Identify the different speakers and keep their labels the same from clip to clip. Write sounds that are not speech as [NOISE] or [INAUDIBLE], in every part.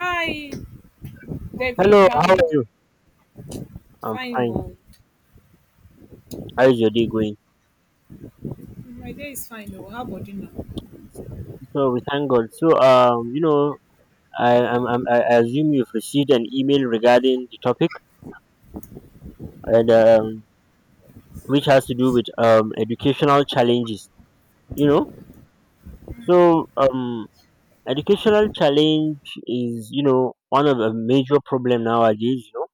Speaker 1: Hi, David.
Speaker 2: Hello,
Speaker 1: How are
Speaker 2: how
Speaker 1: you?
Speaker 2: are you? I'm
Speaker 1: Fine,
Speaker 2: fine.
Speaker 1: oh.
Speaker 2: How is your day going?
Speaker 1: My day is fine, oh. How about you now?
Speaker 2: So we thank God. I assume you've received an email regarding the topic and which has to do with educational challenges. You know, so um, educational challenge is one of the major problem nowadays. You know,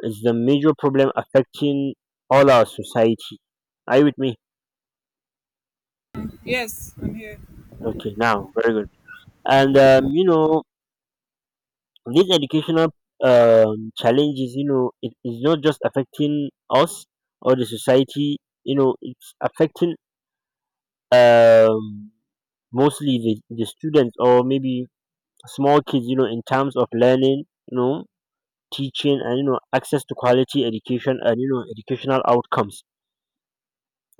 Speaker 2: it's the major problem affecting all our society. Are you with me?
Speaker 1: Yes, I'm here.
Speaker 2: Okay, now very good. And um, you know, These educational challenges, you know, it is not just affecting us or the society. You know, it's affecting um, mostly the students or maybe small kids. You know, in terms of learning, you know, teaching, and you know, access to quality education and, you know, educational outcomes.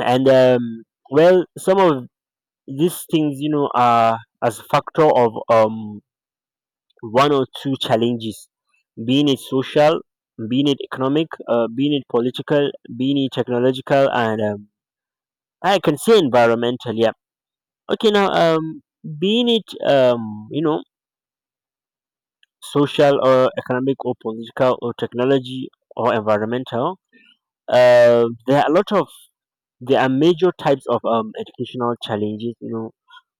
Speaker 2: And well, some of these things, you know, are as factor of one or two challenges, being it social, being it economic, being it political, being it technological, and I can say environmental. Yeah. Okay. Being it social or economic or political or technology or environmental. Uh, there are a lot of there are major types of educational challenges. You know,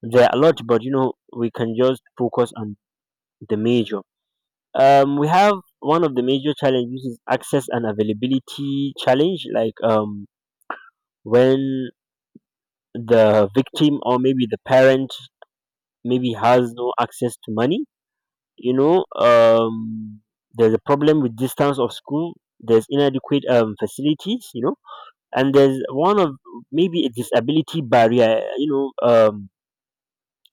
Speaker 2: there are a lot, but, you know, we can just focus on the major. We have one of the major challenges is access and availability challenge, like when the victim or maybe the parent maybe has no access to money, you know um there's a problem with distance of school, there's inadequate facilities, you know, and there's one of maybe a disability barrier,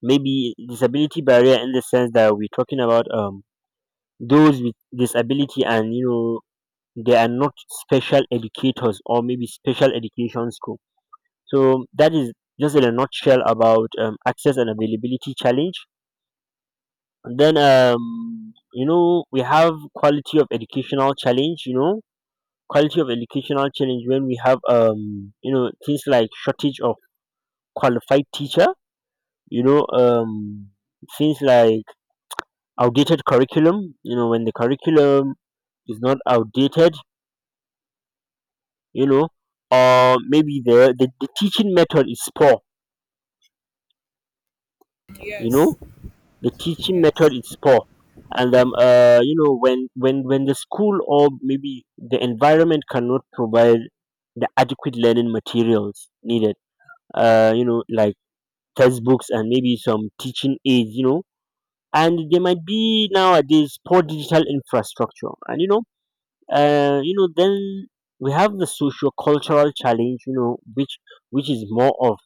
Speaker 2: maybe disability barrier, in the sense that we're talking about those with disability, and, you know, they are not special educators or maybe special education school. So that is just in a nutshell about access and availability challenge. And then you know, we have quality of educational challenge. You know, quality of educational challenge when we have you know things like shortage of qualified teacher. You know um things like outdated curriculum. You know, when the curriculum is not outdated, you know, or maybe the teaching method is poor, you know,
Speaker 1: Yes,
Speaker 2: the teaching method
Speaker 1: yes,
Speaker 2: is poor, and you know when the school or maybe the environment cannot provide the adequate learning materials needed, you know, like textbooks and maybe some teaching aids, you know, and there might be nowadays poor digital infrastructure, and you know, then we have the socio cultural challenge, you know, which is more of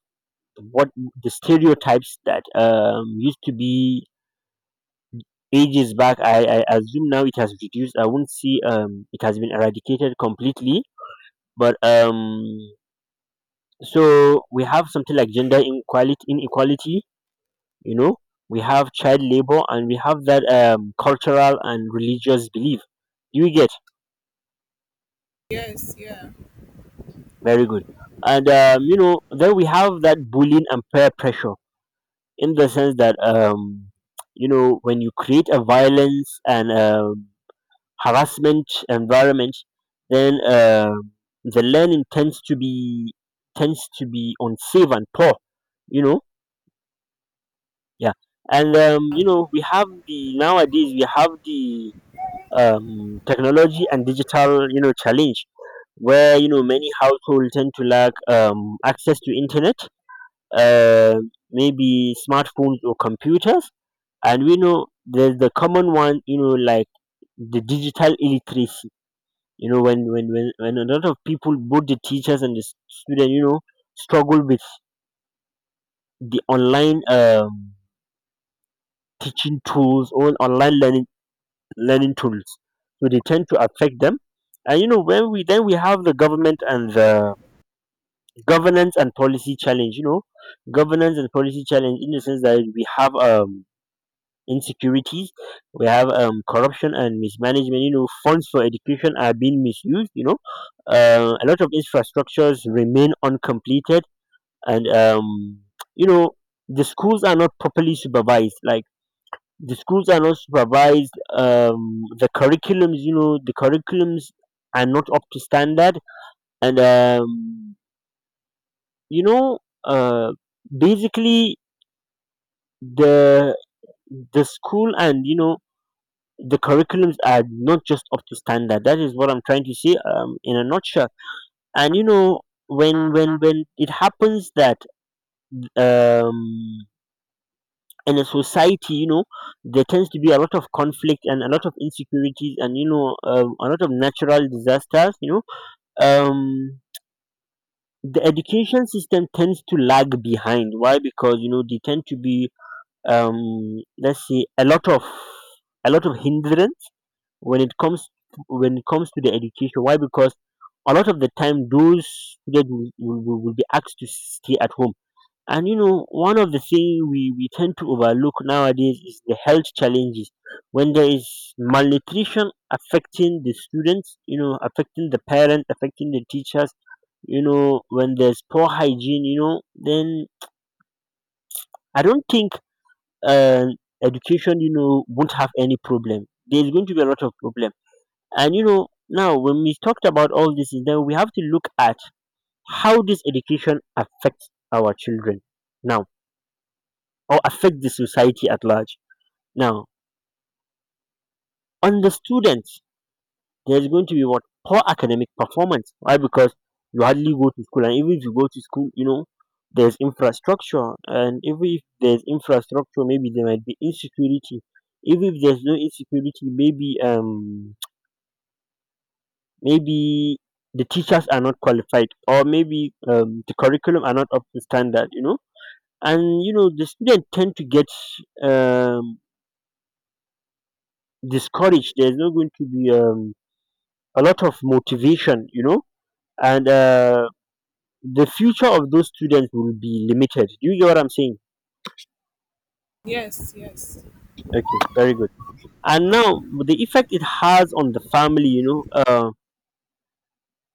Speaker 2: what the stereotypes that used to be ages back. I assume now it has reduced. I won't see it has been eradicated completely, but so we have something like gender inequality you know, we have child labor, and we have that cultural and religious belief, you get?
Speaker 1: yes, yeah.
Speaker 2: Very good. And you know, then we have that bullying and peer pressure, in the sense that you know, when you create a violence and harassment environment, then um, the learning tends to be, tends to be unsafe and poor. You know, yeah. And you know, we have the nowadays we have the technology and digital, you know, challenge where, you know, many households tend to lack access to internet, uh, maybe smartphones or computers, and we know there's the common one, you know, like the digital illiteracy, you know, when a lot of people, both the teachers and the student, you know, struggle with the online teaching tools or online learning tools, so they tend to affect them. And, you know, when we, then we have the government and the governance and policy challenge, you know, governance and policy challenge, in the sense that we have insecurities, we have corruption and mismanagement. You know, funds for education are being misused. You know, a lot of infrastructures remain uncompleted, and you know, the schools are not properly supervised. Like, the schools are not supervised. The curriculums, you know, the curriculums are not up to standard, and um, you know, uh, basically the the school and, you know, the curriculums are not just up to standard. That is what I'm trying to say, in a nutshell. And, you know, when it happens that um in a society, you know, there tends to be a lot of conflict and a lot of insecurities, and, you know, a lot of natural disasters. Um the education system tends to lag behind. Why? Because, you know, they tend to be um let's say a lot of, a lot of hindrance when it comes, when it comes to the education. Why? Because a lot of the time those students will, will be asked to stay at home. And, you know, one of the things we tend to overlook nowadays is the health challenges when there is malnutrition affecting the students, you know, affecting the parents, affecting the teachers, you know, when there's poor hygiene, you know, then I don't think, uh, education, you know, won't have any problem. There's going to be a lot of problem. And, you know, now when we talked about all this, then we have to look at how this education affects our children now, or affect the society at large. Now, on the students, there's going to be what, poor academic performance. Why? Because you hardly go to school, and even if you go to school, you know, there's infrastructure, and even if there's infrastructure, maybe there might be insecurity. Even if there's no insecurity, maybe maybe the teachers are not qualified, or maybe the curriculum are not up to standard, you know. And, you know, the student tend to get um, discouraged. There's not going to be a lot of motivation, you know. And the future of those students will be limited. Do you get what I'm saying?
Speaker 1: Yes, yes,
Speaker 2: Okay, very good. And now the effect it has on the family, you know,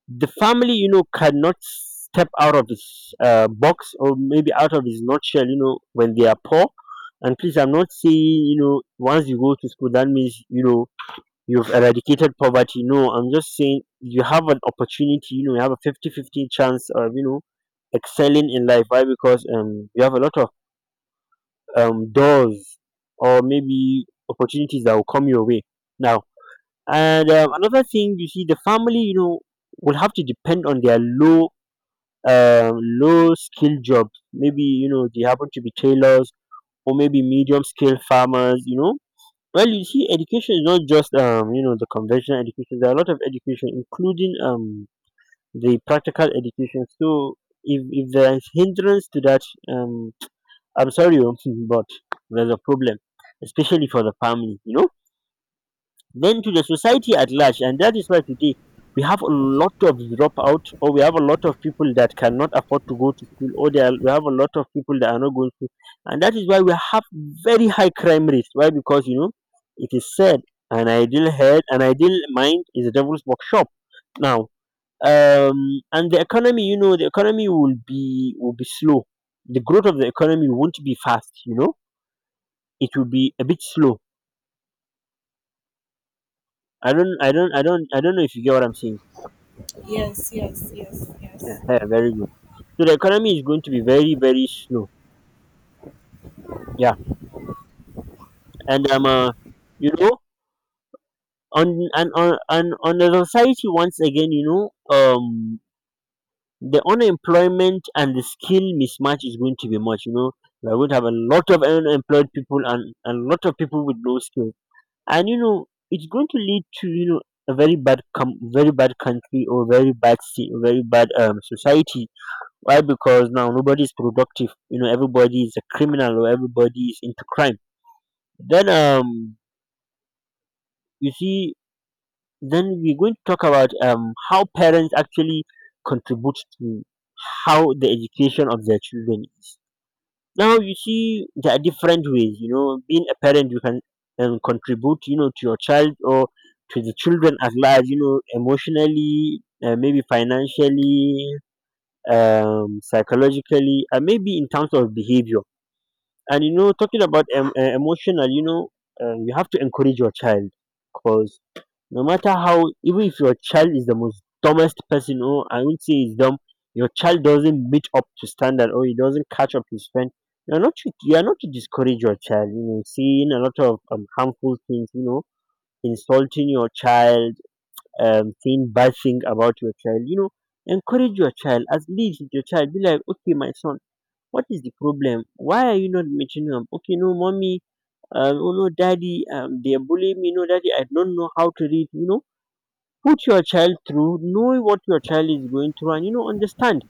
Speaker 2: the family, you know, cannot step out of his box, or maybe out of his nutshell, you know, when they are poor. And please, I'm not saying, you know, once you go to school that means, you know, you've eradicated poverty. No, I'm just saying you have an opportunity. You know, you have a fifty-fifty chance of, you know, excelling in life. Why? Because you have a lot of doors or maybe opportunities that will come your way now. And another thing, you see, the family, you know, will have to depend on their low low skill jobs. Maybe, you know, they happen to be tailors or maybe medium scale farmers, you know. Well, you see, education is not just you know the conventional education. There are a lot of education, including the practical education. So if there is hindrance to that, um I'm sorry, oh, [LAUGHS] but there's a problem, especially for the family, you know, then to the society at large. And that is why today we have a lot of dropout, or we have a lot of people that cannot afford to go to school, or there are, we have a lot of people that are not going to. And that is why we have very high crime rates. Why? Because, you know, it is said an ideal head, an ideal mind is a devil's workshop. Now, and the economy, you know, the economy will be, will be slow. The growth of the economy won't be fast. You know, it will be a bit slow. I don't know if you get what I'm saying.
Speaker 1: yes, yes, yes, yes,
Speaker 2: Yeah, very good. So the economy is going to be very, very slow. Yeah, and you know, on and on and on the society once again, you know, the unemployment and the skill mismatch is going to be much. You know, we're going to have a lot of unemployed people and a lot of people with no skill, and you know, it's going to lead to a very very bad country or very very bad society. Why? Because now nobody is productive, you know, everybody is a criminal or everybody is into crime. Then you see, then we're going to talk about how parents actually contribute to how the education of their children is. Now you see, there are different ways, you know, being a parent you can contribute, you know, to your child or to the children at large, you know, emotionally, maybe financially, psychologically, and maybe in terms of behavior. And you know, talking about emotional, you know, you have to encourage your child, because no matter how, even if your child is the most dumbest person, or I won't say he's dumb, your child doesn't meet up to standard or he doesn't catch up to his friend. You are not to discourage your child. You know, seeing a lot of harmful things. You know, insulting your child, saying bad thing about your child. You know, encourage your child. At least your child be like, okay, my son, what is the problem? Why are you not meeting them? Okay, no, mommy, oh no, daddy, they're bullying me. No, daddy, I don't know how to read. You know, put your child through, know what your child is going through, and you know, understand.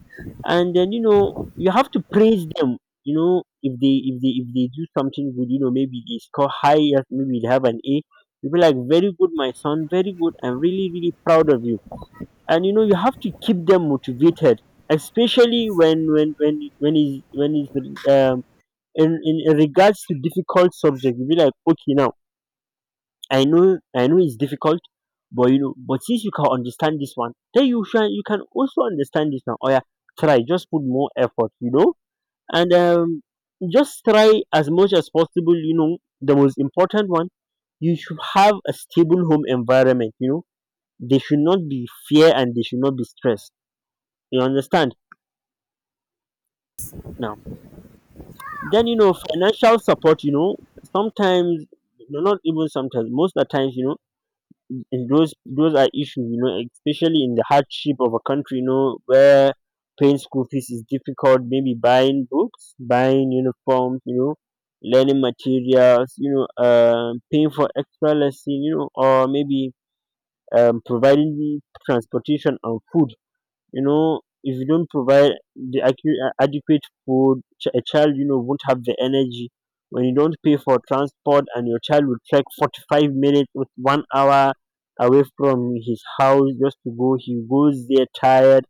Speaker 2: And then you know, you have to praise them. You know, if they do something good, you know, maybe they score higher, maybe they have an A. You be like, very good, my son, very good. I'm really really proud of you. And you know, you have to keep them motivated, especially when is in regards to difficult subject. You'll be like, okay, now I know it's difficult, but you know, but since you can understand this one, then you can also understand this. Now, oh yeah, try, just put more effort, you know. And just try as much as possible, you know. The most important one, you should have a stable home environment, you know. They should not be fear and they should not be stressed. You understand. Now, then you know, financial support. You know, sometimes, no, not even sometimes, most of the times, you know, in those are issues, you know, especially in the hardship of a country, you know, where paying school fees is difficult, maybe buying books, buying uniforms, you know, learning materials, you know, paying for extra lesson, you know, or maybe providing transportation and food. You know, if you don't provide the adequate food, a child, you know, won't have the energy. When you don't pay for transport and your child will trek 45 minutes with 1 hour away from his house, just to go, he goes there tired.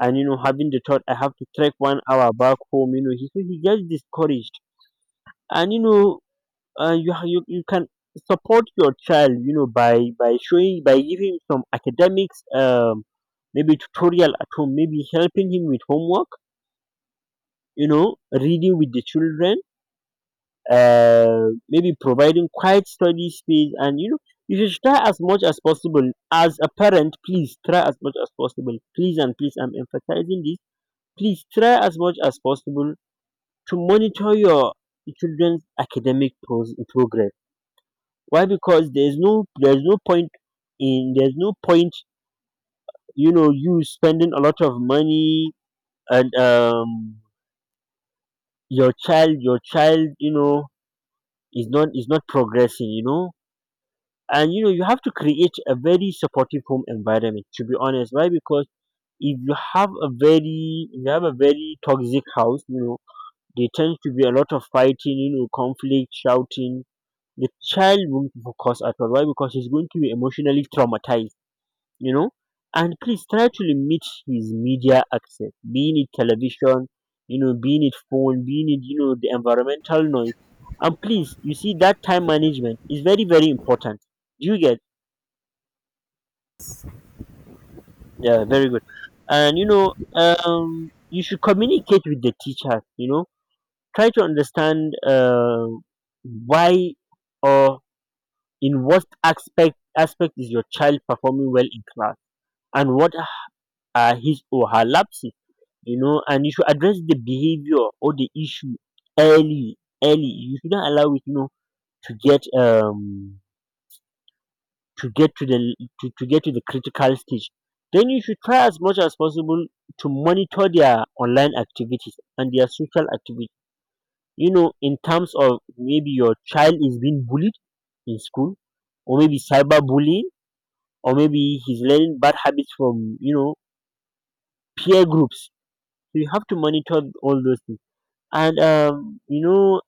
Speaker 2: And you know, having the thought, I have to trek 1 hour back home, you know, so he gets discouraged. And you know, you you can support your child, you know, by showing, by giving him some academics, maybe tutorial at home, maybe helping him with homework, you know, reading with the children, maybe providing quiet study space. And you know, you should try as much as possible as a parent, please try as much as possible, please, and please, I'm emphasizing this, please try as much as possible to monitor your children's progress. Why? Because there's no point in, there's no point, you know, you spending a lot of money, and your child, you know, is not progressing, you know. And you know, you have to create a very supportive home environment, to be honest. Why? Because if you have a very, if you have a very toxic house, you know, there tends to be a lot of fighting, you know, conflict, shouting. The child won't focus at all. Why? Because he's going to be emotionally traumatized, you know. And please try to limit his media access, being it television, you know, being it phone, being it, you know, the environmental noise. And please, you see that time management is very, very important. Do you get? Yeah, very good. And you know, you should communicate with the teacher, you know, try to understand, why, or in what aspect is your child performing well in class, and what are his or her lapses. You know, and you should address the behavior or the issue early. Early, you shouldn't allow it, you know, to get to get to the, to get to the critical stage. Then you should try as much as possible to monitor their online activities and their social activities, you know, in terms of maybe your child is being bullied in school, or maybe cyberbullying, or maybe he's learning bad habits from, you know, peer groups. So you have to monitor all those things. And you know,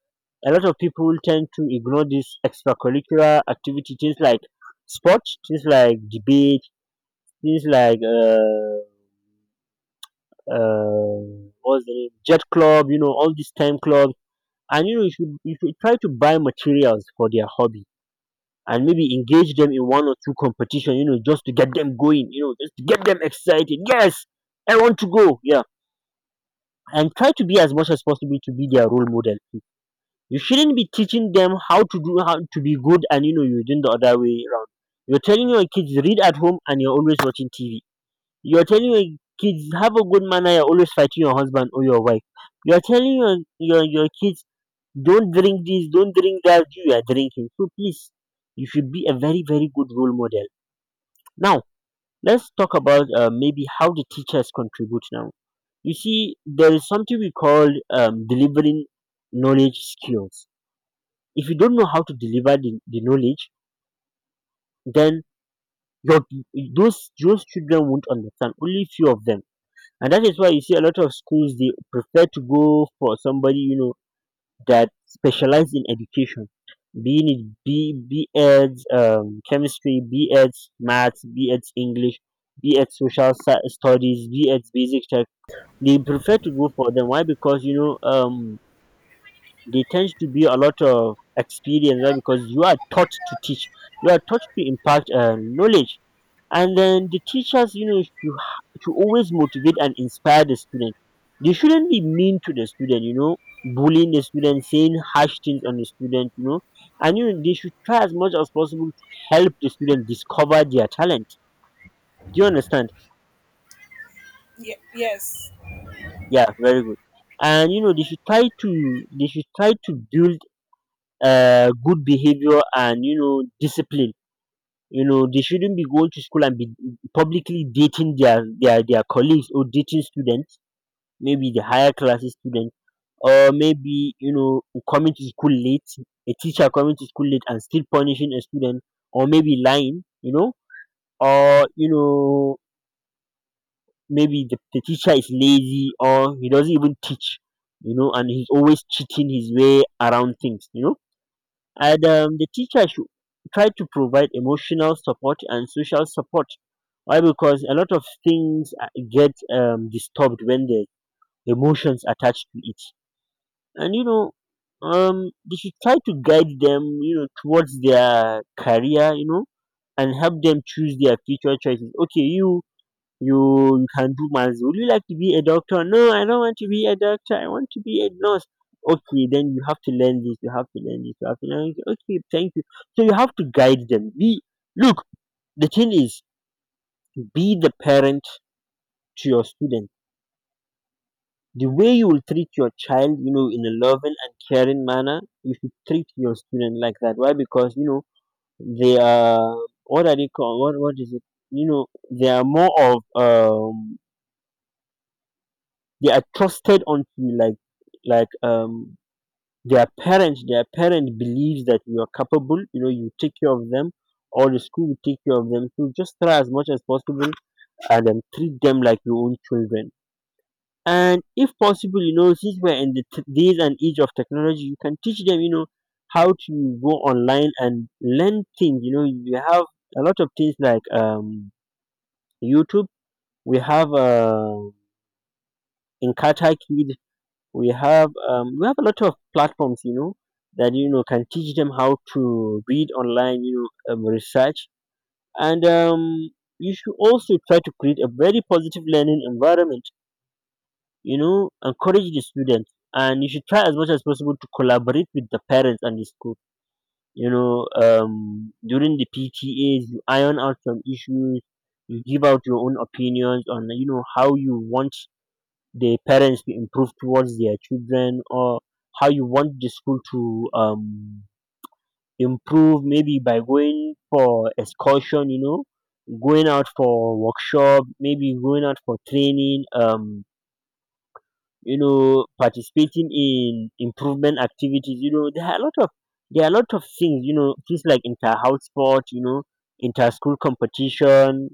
Speaker 2: a lot of people tend to ignore these extracurricular activity, things like sports, things like debate, things like uh what's the name, jet club, you know, all these time clubs. And you know, you should try to buy materials for their hobby, and maybe engage them in one or two competition, you know, just to get them going, you know, just to get them excited. Yes, I want to go. Yeah. And try to be as much as possible to be their role model. You shouldn't be teaching them how to do, how to be good, and you know, you're doing the other way around. You're telling your kids read at home and you're always watching TV. You're telling your kids have a good manner, you're always fighting your husband or your wife. You're telling your kids don't drink this, don't drink that, you are drinking. So please, you should be a very, very good role model. Now, let's talk about maybe how the teachers contribute now. You see, there is something we call delivering knowledge skills. If you don't know how to deliver the knowledge, then your, those children won't understand, only few of them. And that is why you see a lot of schools, they prefer to go for somebody, you know, that specialize in education, be it B.Ed, chemistry, B.Ed, maths, B.Ed, English, B.Ed, studies, B.Ed, basic tech. They prefer to go for them. Why? Because, you know, they tend to be a lot of experience, right? Because you are taught to teach, you are taught to impart, knowledge. And then the teachers, you know, to always motivate and inspire the student. They shouldn't be mean to the student, you know, bullying the student, saying harsh things on the student, you know. And you know, they should try as much as possible to help the student discover their talent. Do you understand?
Speaker 1: Yes,
Speaker 2: Yeah, very good. And you know, they should try to, they should try to build, good behavior, and you know, discipline. You know, they shouldn't be going to school and be publicly dating their colleagues, or dating students, maybe the higher classes students, or maybe, you know, coming to school late. A teacher coming to school late and still punishing a student, or maybe lying, you know, or you know, maybe the teacher is lazy, or he doesn't even teach, you know, and he's always cheating his way around things, you know. And the teacher should try to provide emotional support and social support. Why? Because a lot of things get disturbed when the emotions attached to it. And you know, they should try to guide them, you know, towards their career, you know, and help them choose their future choices. Okay, you can do maths. Would you like to be a doctor? No, I don't want to be a doctor. I want to be a nurse. Okay, then you have to learn this. You have to learn this. You have to learn. This. Okay, thank you. So you have to guide them. Be look. The thing is, be the parent to your student. The way you will treat your child, you know, in a loving and caring manner, you should treat your student like that. Why? Because you know they are, what are they called? What is it? They are more of they are trusted until like like um their parent believes that you are capable, you take care of them, or the school will take care of them. So just try as much as possible and treat them like your own children. And if possible, since we're in the days and age of technology, you can teach them how to go online and learn things. You know you have a lot of things like youtube. We have in Kid. We have a lot of platforms, that can teach them how to read online, research. And you should also try to create a very positive learning environment. Encourage the students, and you should try as much as possible to collaborate with the parents and the school. During the PTAs you iron out some issues. You give out your own opinions on how you want the parents to improve towards their children, or how you want the school to improve, maybe by going for excursion, going out for workshop, maybe going out for training, participating in improvement activities. There are a lot of there are a lot of things, things like inter house sport, inter school competition.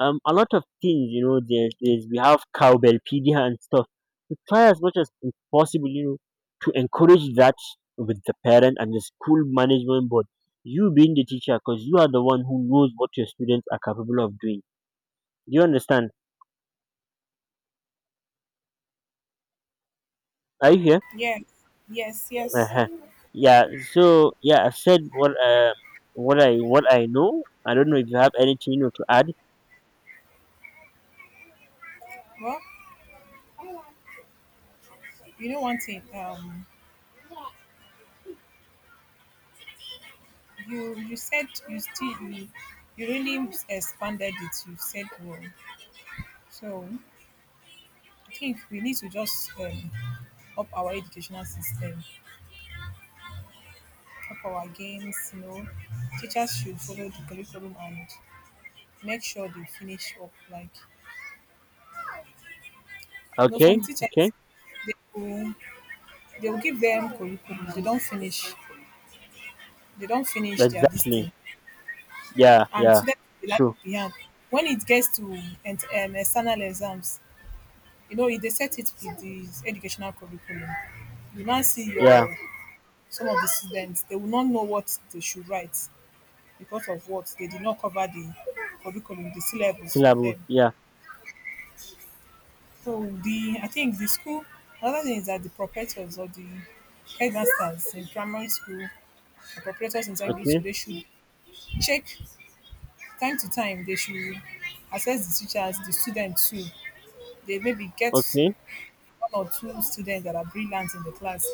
Speaker 2: A lot of things, there's we have cowbellpedia and stuff. We try as much as possible, to encourage that with the parent and the school management board, you being the teacher, because you are the one who knows what your students are capable of doing. Do you understand? Are you here?
Speaker 1: yes, yes, yes.
Speaker 2: Uh-huh. Yeah, so yeah, I've said what I know. I don't know if you have anything, to add.
Speaker 1: Well, you know one thing. You said you really expanded it. You said well. So I think we need to just up our educational system up our games. Teachers should follow the curriculum and make sure they finish up. Like,
Speaker 2: Okay,
Speaker 1: some teachers
Speaker 2: okay.
Speaker 1: they will they will give them curriculum, they don't finish their this
Speaker 2: Exactly.
Speaker 1: thing.
Speaker 2: Yeah,
Speaker 1: And
Speaker 2: yeah.
Speaker 1: students will be left
Speaker 2: True.
Speaker 1: behind. When it gets to and external exams, if they set it with the educational curriculum, you now see
Speaker 2: Yeah.
Speaker 1: your some of the students they will not know what they should write because of what they did not cover the curriculum, the syllabus for
Speaker 2: Syllable.
Speaker 1: them.
Speaker 2: Yeah.
Speaker 1: So the I think the school another thing is that the proprietors or the headmasters in primary school or proprietors in secondary
Speaker 2: Okay.
Speaker 1: school they should check time to time they should assess the teachers, the students too. They maybe get
Speaker 2: Okay,
Speaker 1: one or two students that are brilliant in the class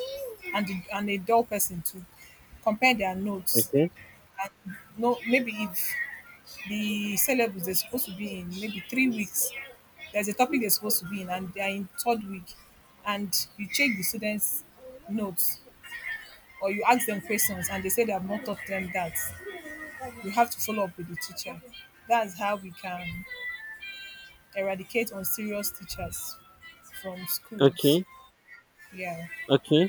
Speaker 1: and a dull person to compare their notes
Speaker 2: okay,
Speaker 1: and no maybe if the syllabus they're supposed to be in maybe 3 weeks. There's a topic they're supposed to be in, and they're in third week. And you check the students' notes or you ask them questions, and they say they have not taught them that. You have to follow up with the teacher. That's how we can eradicate unserious teachers from schools.
Speaker 2: okay,
Speaker 1: Yeah.
Speaker 2: okay,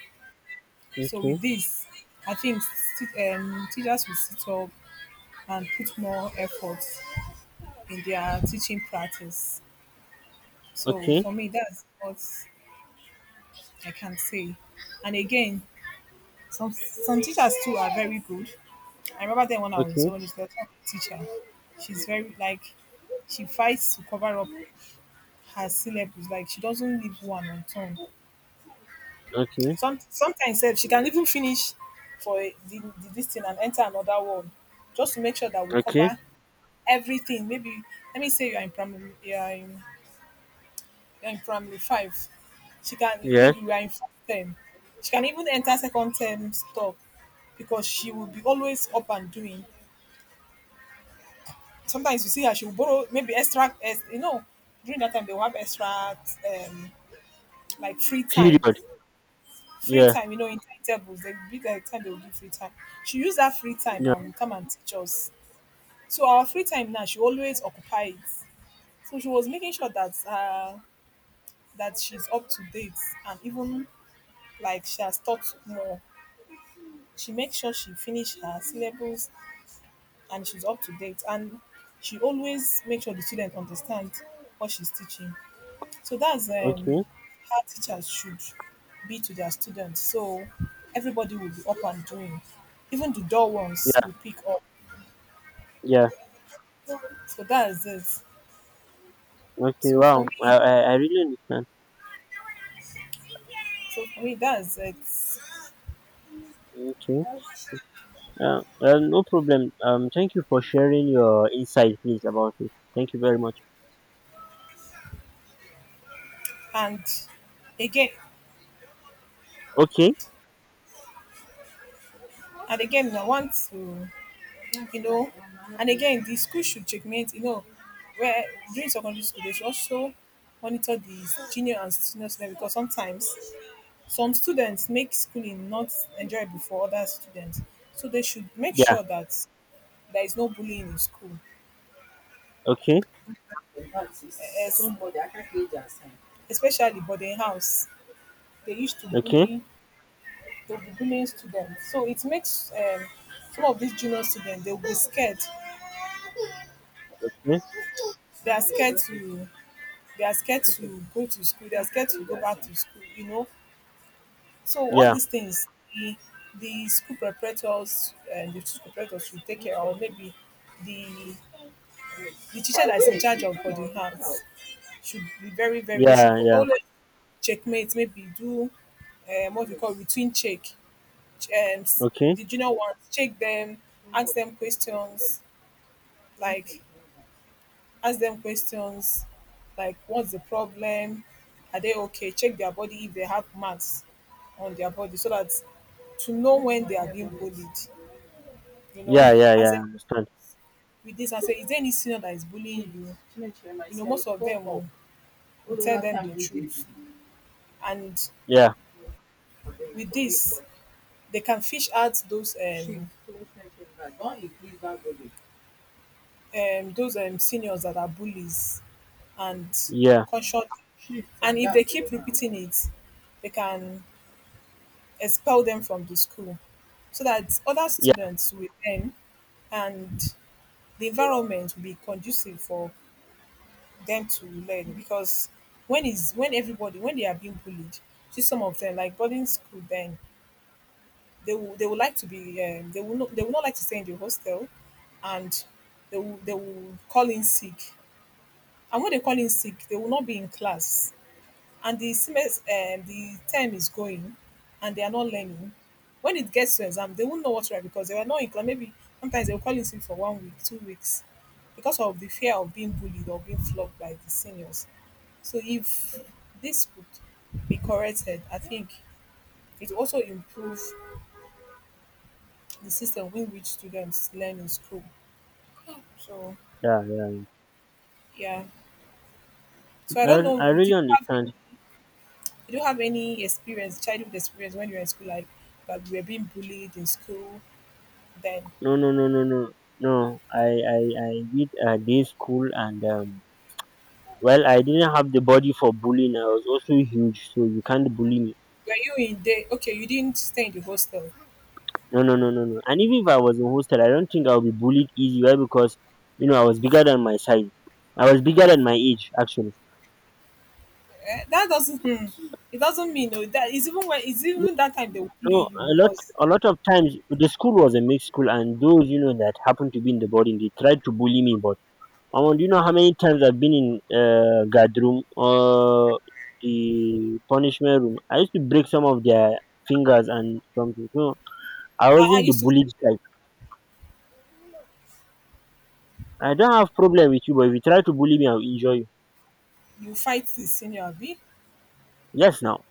Speaker 1: So
Speaker 2: okay,
Speaker 1: with this, I think teachers will sit up and put more effort in their teaching practice. So
Speaker 2: okay,
Speaker 1: for me, that's what I can say. And again, some teachers too are very good. I remember then when I was in
Speaker 2: okay,
Speaker 1: secondary school, I had a teacher. She's very like She fights to cover up her syllabus. Like she doesn't leave one on unturned.
Speaker 2: okay,
Speaker 1: Sometimes sef, she can even finish for the this thing and enter another one, just to make sure that we
Speaker 2: okay.
Speaker 1: cover everything. Maybe let me say you are in primary, you are in primary five. She can
Speaker 2: Yes.
Speaker 1: maybe we are in first term. She can even enter second term stop because she will be always up and doing. Sometimes you see her, she will borrow maybe extra, during that time they will have extra um, like free time.
Speaker 2: Period.
Speaker 1: Free
Speaker 2: Yeah,
Speaker 1: time, in tables, they will be like time they will give free time. She use that free time
Speaker 2: yeah.
Speaker 1: and come and teach us. So our free time now, she always occupy it. So she was making sure that she's up to date and even like she has taught more she makes sure she finish her syllables and she's up to date and she always makes sure the student understand what she's teaching. So that's
Speaker 2: Okay.
Speaker 1: how teachers should be to their students. So everybody will be up and doing. Even the dull ones
Speaker 2: Yeah,
Speaker 1: will pick up.
Speaker 2: yeah.
Speaker 1: So that's it.
Speaker 2: Okay.
Speaker 1: So
Speaker 2: Wow.
Speaker 1: for me,
Speaker 2: I really understand.
Speaker 1: that's it.
Speaker 2: Okay. No problem. Thank you for sharing your insight, please, about it. Thank you very much.
Speaker 1: And again,
Speaker 2: Okay.
Speaker 1: and again, I want to you know. And again, the school should checkmate, where during secondary school, they should also monitor the junior and senior students because sometimes some students make schooling not enjoyable for other students. So they should make
Speaker 2: Yeah.
Speaker 1: sure that there is no bullying in school,
Speaker 2: Okay,
Speaker 1: especially boarding house. They used to
Speaker 2: okay.
Speaker 1: bully, they'll be bullying students. So it makes some of these junior students, they'll be scared.
Speaker 2: Yeah,
Speaker 1: They are scared to, they are scared to go to school. They are scared to go back to school. So all
Speaker 2: yeah,
Speaker 1: these things, the the school preparators should take care, or maybe the the teacher that's in charge of boarding house should be very very. They should
Speaker 2: yeah. Yeah.
Speaker 1: always checkmate. Maybe do what we call routine check. Um, s-
Speaker 2: Okay.
Speaker 1: the junior ones check them, ask them questions like ask them questions like what's the problem are they okay check their body if they have marks on their body so that to know when they are being bullied you
Speaker 2: Yeah,
Speaker 1: know
Speaker 2: yeah, yeah,
Speaker 1: Ask
Speaker 2: I
Speaker 1: them
Speaker 2: understand.
Speaker 1: with this and say is there any senior that is bullying you and
Speaker 2: Yeah,
Speaker 1: they can fish out those seniors that are bullies and
Speaker 2: yeah,
Speaker 1: confronting it they can expel them from the school so that other
Speaker 2: yeah,
Speaker 1: students will learn and the environment will be conducive for them to learn because when is when everybody when they are being bullied see some of them like boarding school then they would like to be they will not like to stay in the hostel and they will call in sick and when they call in sick they will not be in class and the time is going and they are not learning when it gets to exam they won't know what's right because they were not in class maybe sometimes they'll call in sick for one week 2 weeks because of the fear of being bullied or being flogged by the seniors so if this could be corrected I think it also improve the system in which students learn in school so
Speaker 2: yeah, yeah.
Speaker 1: yeah so I
Speaker 2: I,
Speaker 1: don't know
Speaker 2: I really understand.
Speaker 1: did you have any experience childhood experience when you were in school like that you were being bullied in school then
Speaker 2: No, no, no, no, no. No. I, I did day school, and well, I didn't have the body for bullying. I was also huge, so you can't bully me.
Speaker 1: were you in the okay, you didn't stay in the hostel?
Speaker 2: No, no, no, no, no. And even if I was in hostel, I don't think I would be bullied easy. Why? Because you know I was bigger than my size. I was bigger than my age, actually.
Speaker 1: Eh? That doesn't hmm, It doesn't mean no that is even when it's
Speaker 2: No,
Speaker 1: even that time they will
Speaker 2: no,
Speaker 1: bully you
Speaker 2: a lot,
Speaker 1: because
Speaker 2: a lot of times the school was a mixed school, and those, you know, that happened to be in the boarding, they tried to bully me, but. Omo, do you know how many times I've been in guard room or the punishment room? I used to break some of their fingers and something. So I
Speaker 1: I
Speaker 2: wasn't the
Speaker 1: used to
Speaker 2: bullied type. I don't have problem with you, but if you try to bully me, I'll injure you.
Speaker 1: you fight the senior b
Speaker 2: Yes, now,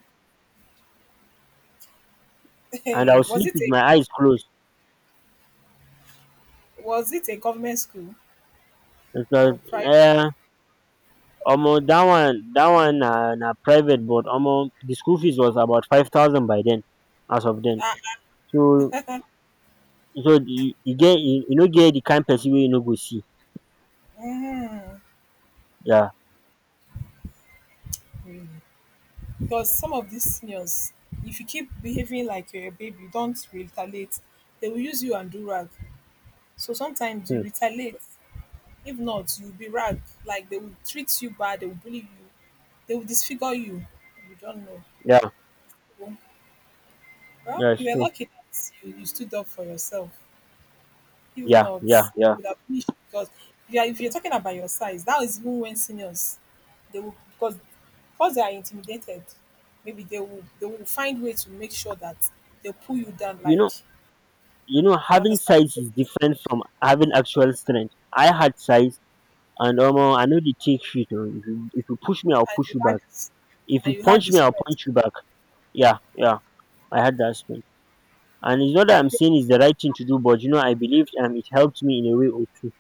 Speaker 1: [LAUGHS]
Speaker 2: and I'll
Speaker 1: Hey, was
Speaker 2: sleep
Speaker 1: it
Speaker 2: with
Speaker 1: a
Speaker 2: my eyes closed.
Speaker 1: government school
Speaker 2: Because,
Speaker 1: or private?
Speaker 2: uh, omo, that one, na private, but omo, the school fees was about 5,000 by then, as of then.
Speaker 1: Ah,
Speaker 2: So, so, you get, you know, get the kind person wey you know go see.
Speaker 1: mm,
Speaker 2: Yeah.
Speaker 1: really. Because some of these seniors if you keep behaving like you're a baby don't retaliate they will use you and do rag so sometimes you
Speaker 2: Hmm.
Speaker 1: retaliate. If not, you'll be ragged. Like they will treat you bad, they will bully you, they will disfigure you. You don't know.
Speaker 2: Yeah.
Speaker 1: Well, well,
Speaker 2: Yeah,
Speaker 1: you were
Speaker 2: sure.
Speaker 1: lucky that you stood up for yourself. If
Speaker 2: Yeah,
Speaker 1: not,
Speaker 2: yeah, yeah.
Speaker 1: you would have finished because if you're talking about your size, that is even when seniors they will because they are intimidated, maybe they will find way to make sure that they pull you down
Speaker 2: You
Speaker 1: like
Speaker 2: know,
Speaker 1: you
Speaker 2: having
Speaker 1: understand.
Speaker 2: size
Speaker 1: So
Speaker 2: is
Speaker 1: this-
Speaker 2: different from having actual strength. I had size, and I know the take shit. Oh. If you push me, I'll
Speaker 1: and
Speaker 2: push
Speaker 1: you
Speaker 2: you
Speaker 1: had
Speaker 2: back.
Speaker 1: this
Speaker 2: If you
Speaker 1: and you had
Speaker 2: punch
Speaker 1: the
Speaker 2: me, I'll
Speaker 1: strength.
Speaker 2: punch you back. Yeah, yeah. I had that strength, and it's not that I'm
Speaker 1: They,
Speaker 2: saying it's the right thing to do, but I believed, and it helped me in a way or two.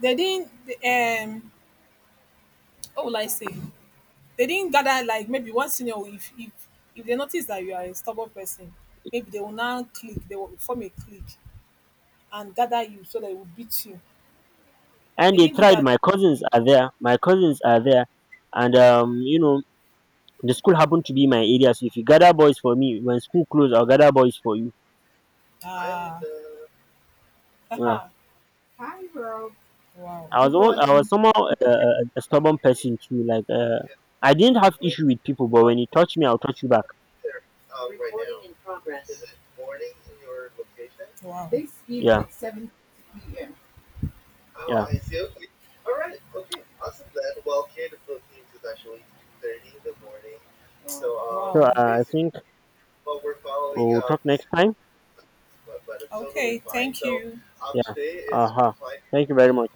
Speaker 1: they didn't what will I say? They didn't gather like maybe if they notice that you are a stubborn person maybe they will now click. They will form a clique and gather you so they will beat you.
Speaker 2: And
Speaker 1: They
Speaker 2: they
Speaker 1: didn't do
Speaker 2: tried.
Speaker 1: that.
Speaker 2: My cousins are there. My cousins are there, and the school happened to be my area. So if you gather boys for me when school closed, I'll gather boys for you. Yeah.
Speaker 1: Ah, [LAUGHS] Hi, Rob. Wow. Good
Speaker 2: I was
Speaker 1: morning.
Speaker 2: somehow a stubborn person too. Like, I didn't have issue with people, but when you touch me, I'll touch you back.
Speaker 1: Wow. This evening,
Speaker 2: Yeah,
Speaker 1: at 7.
Speaker 2: yeah. So, I think we'll talk next time. Yeah. Uh huh. Thank you very much.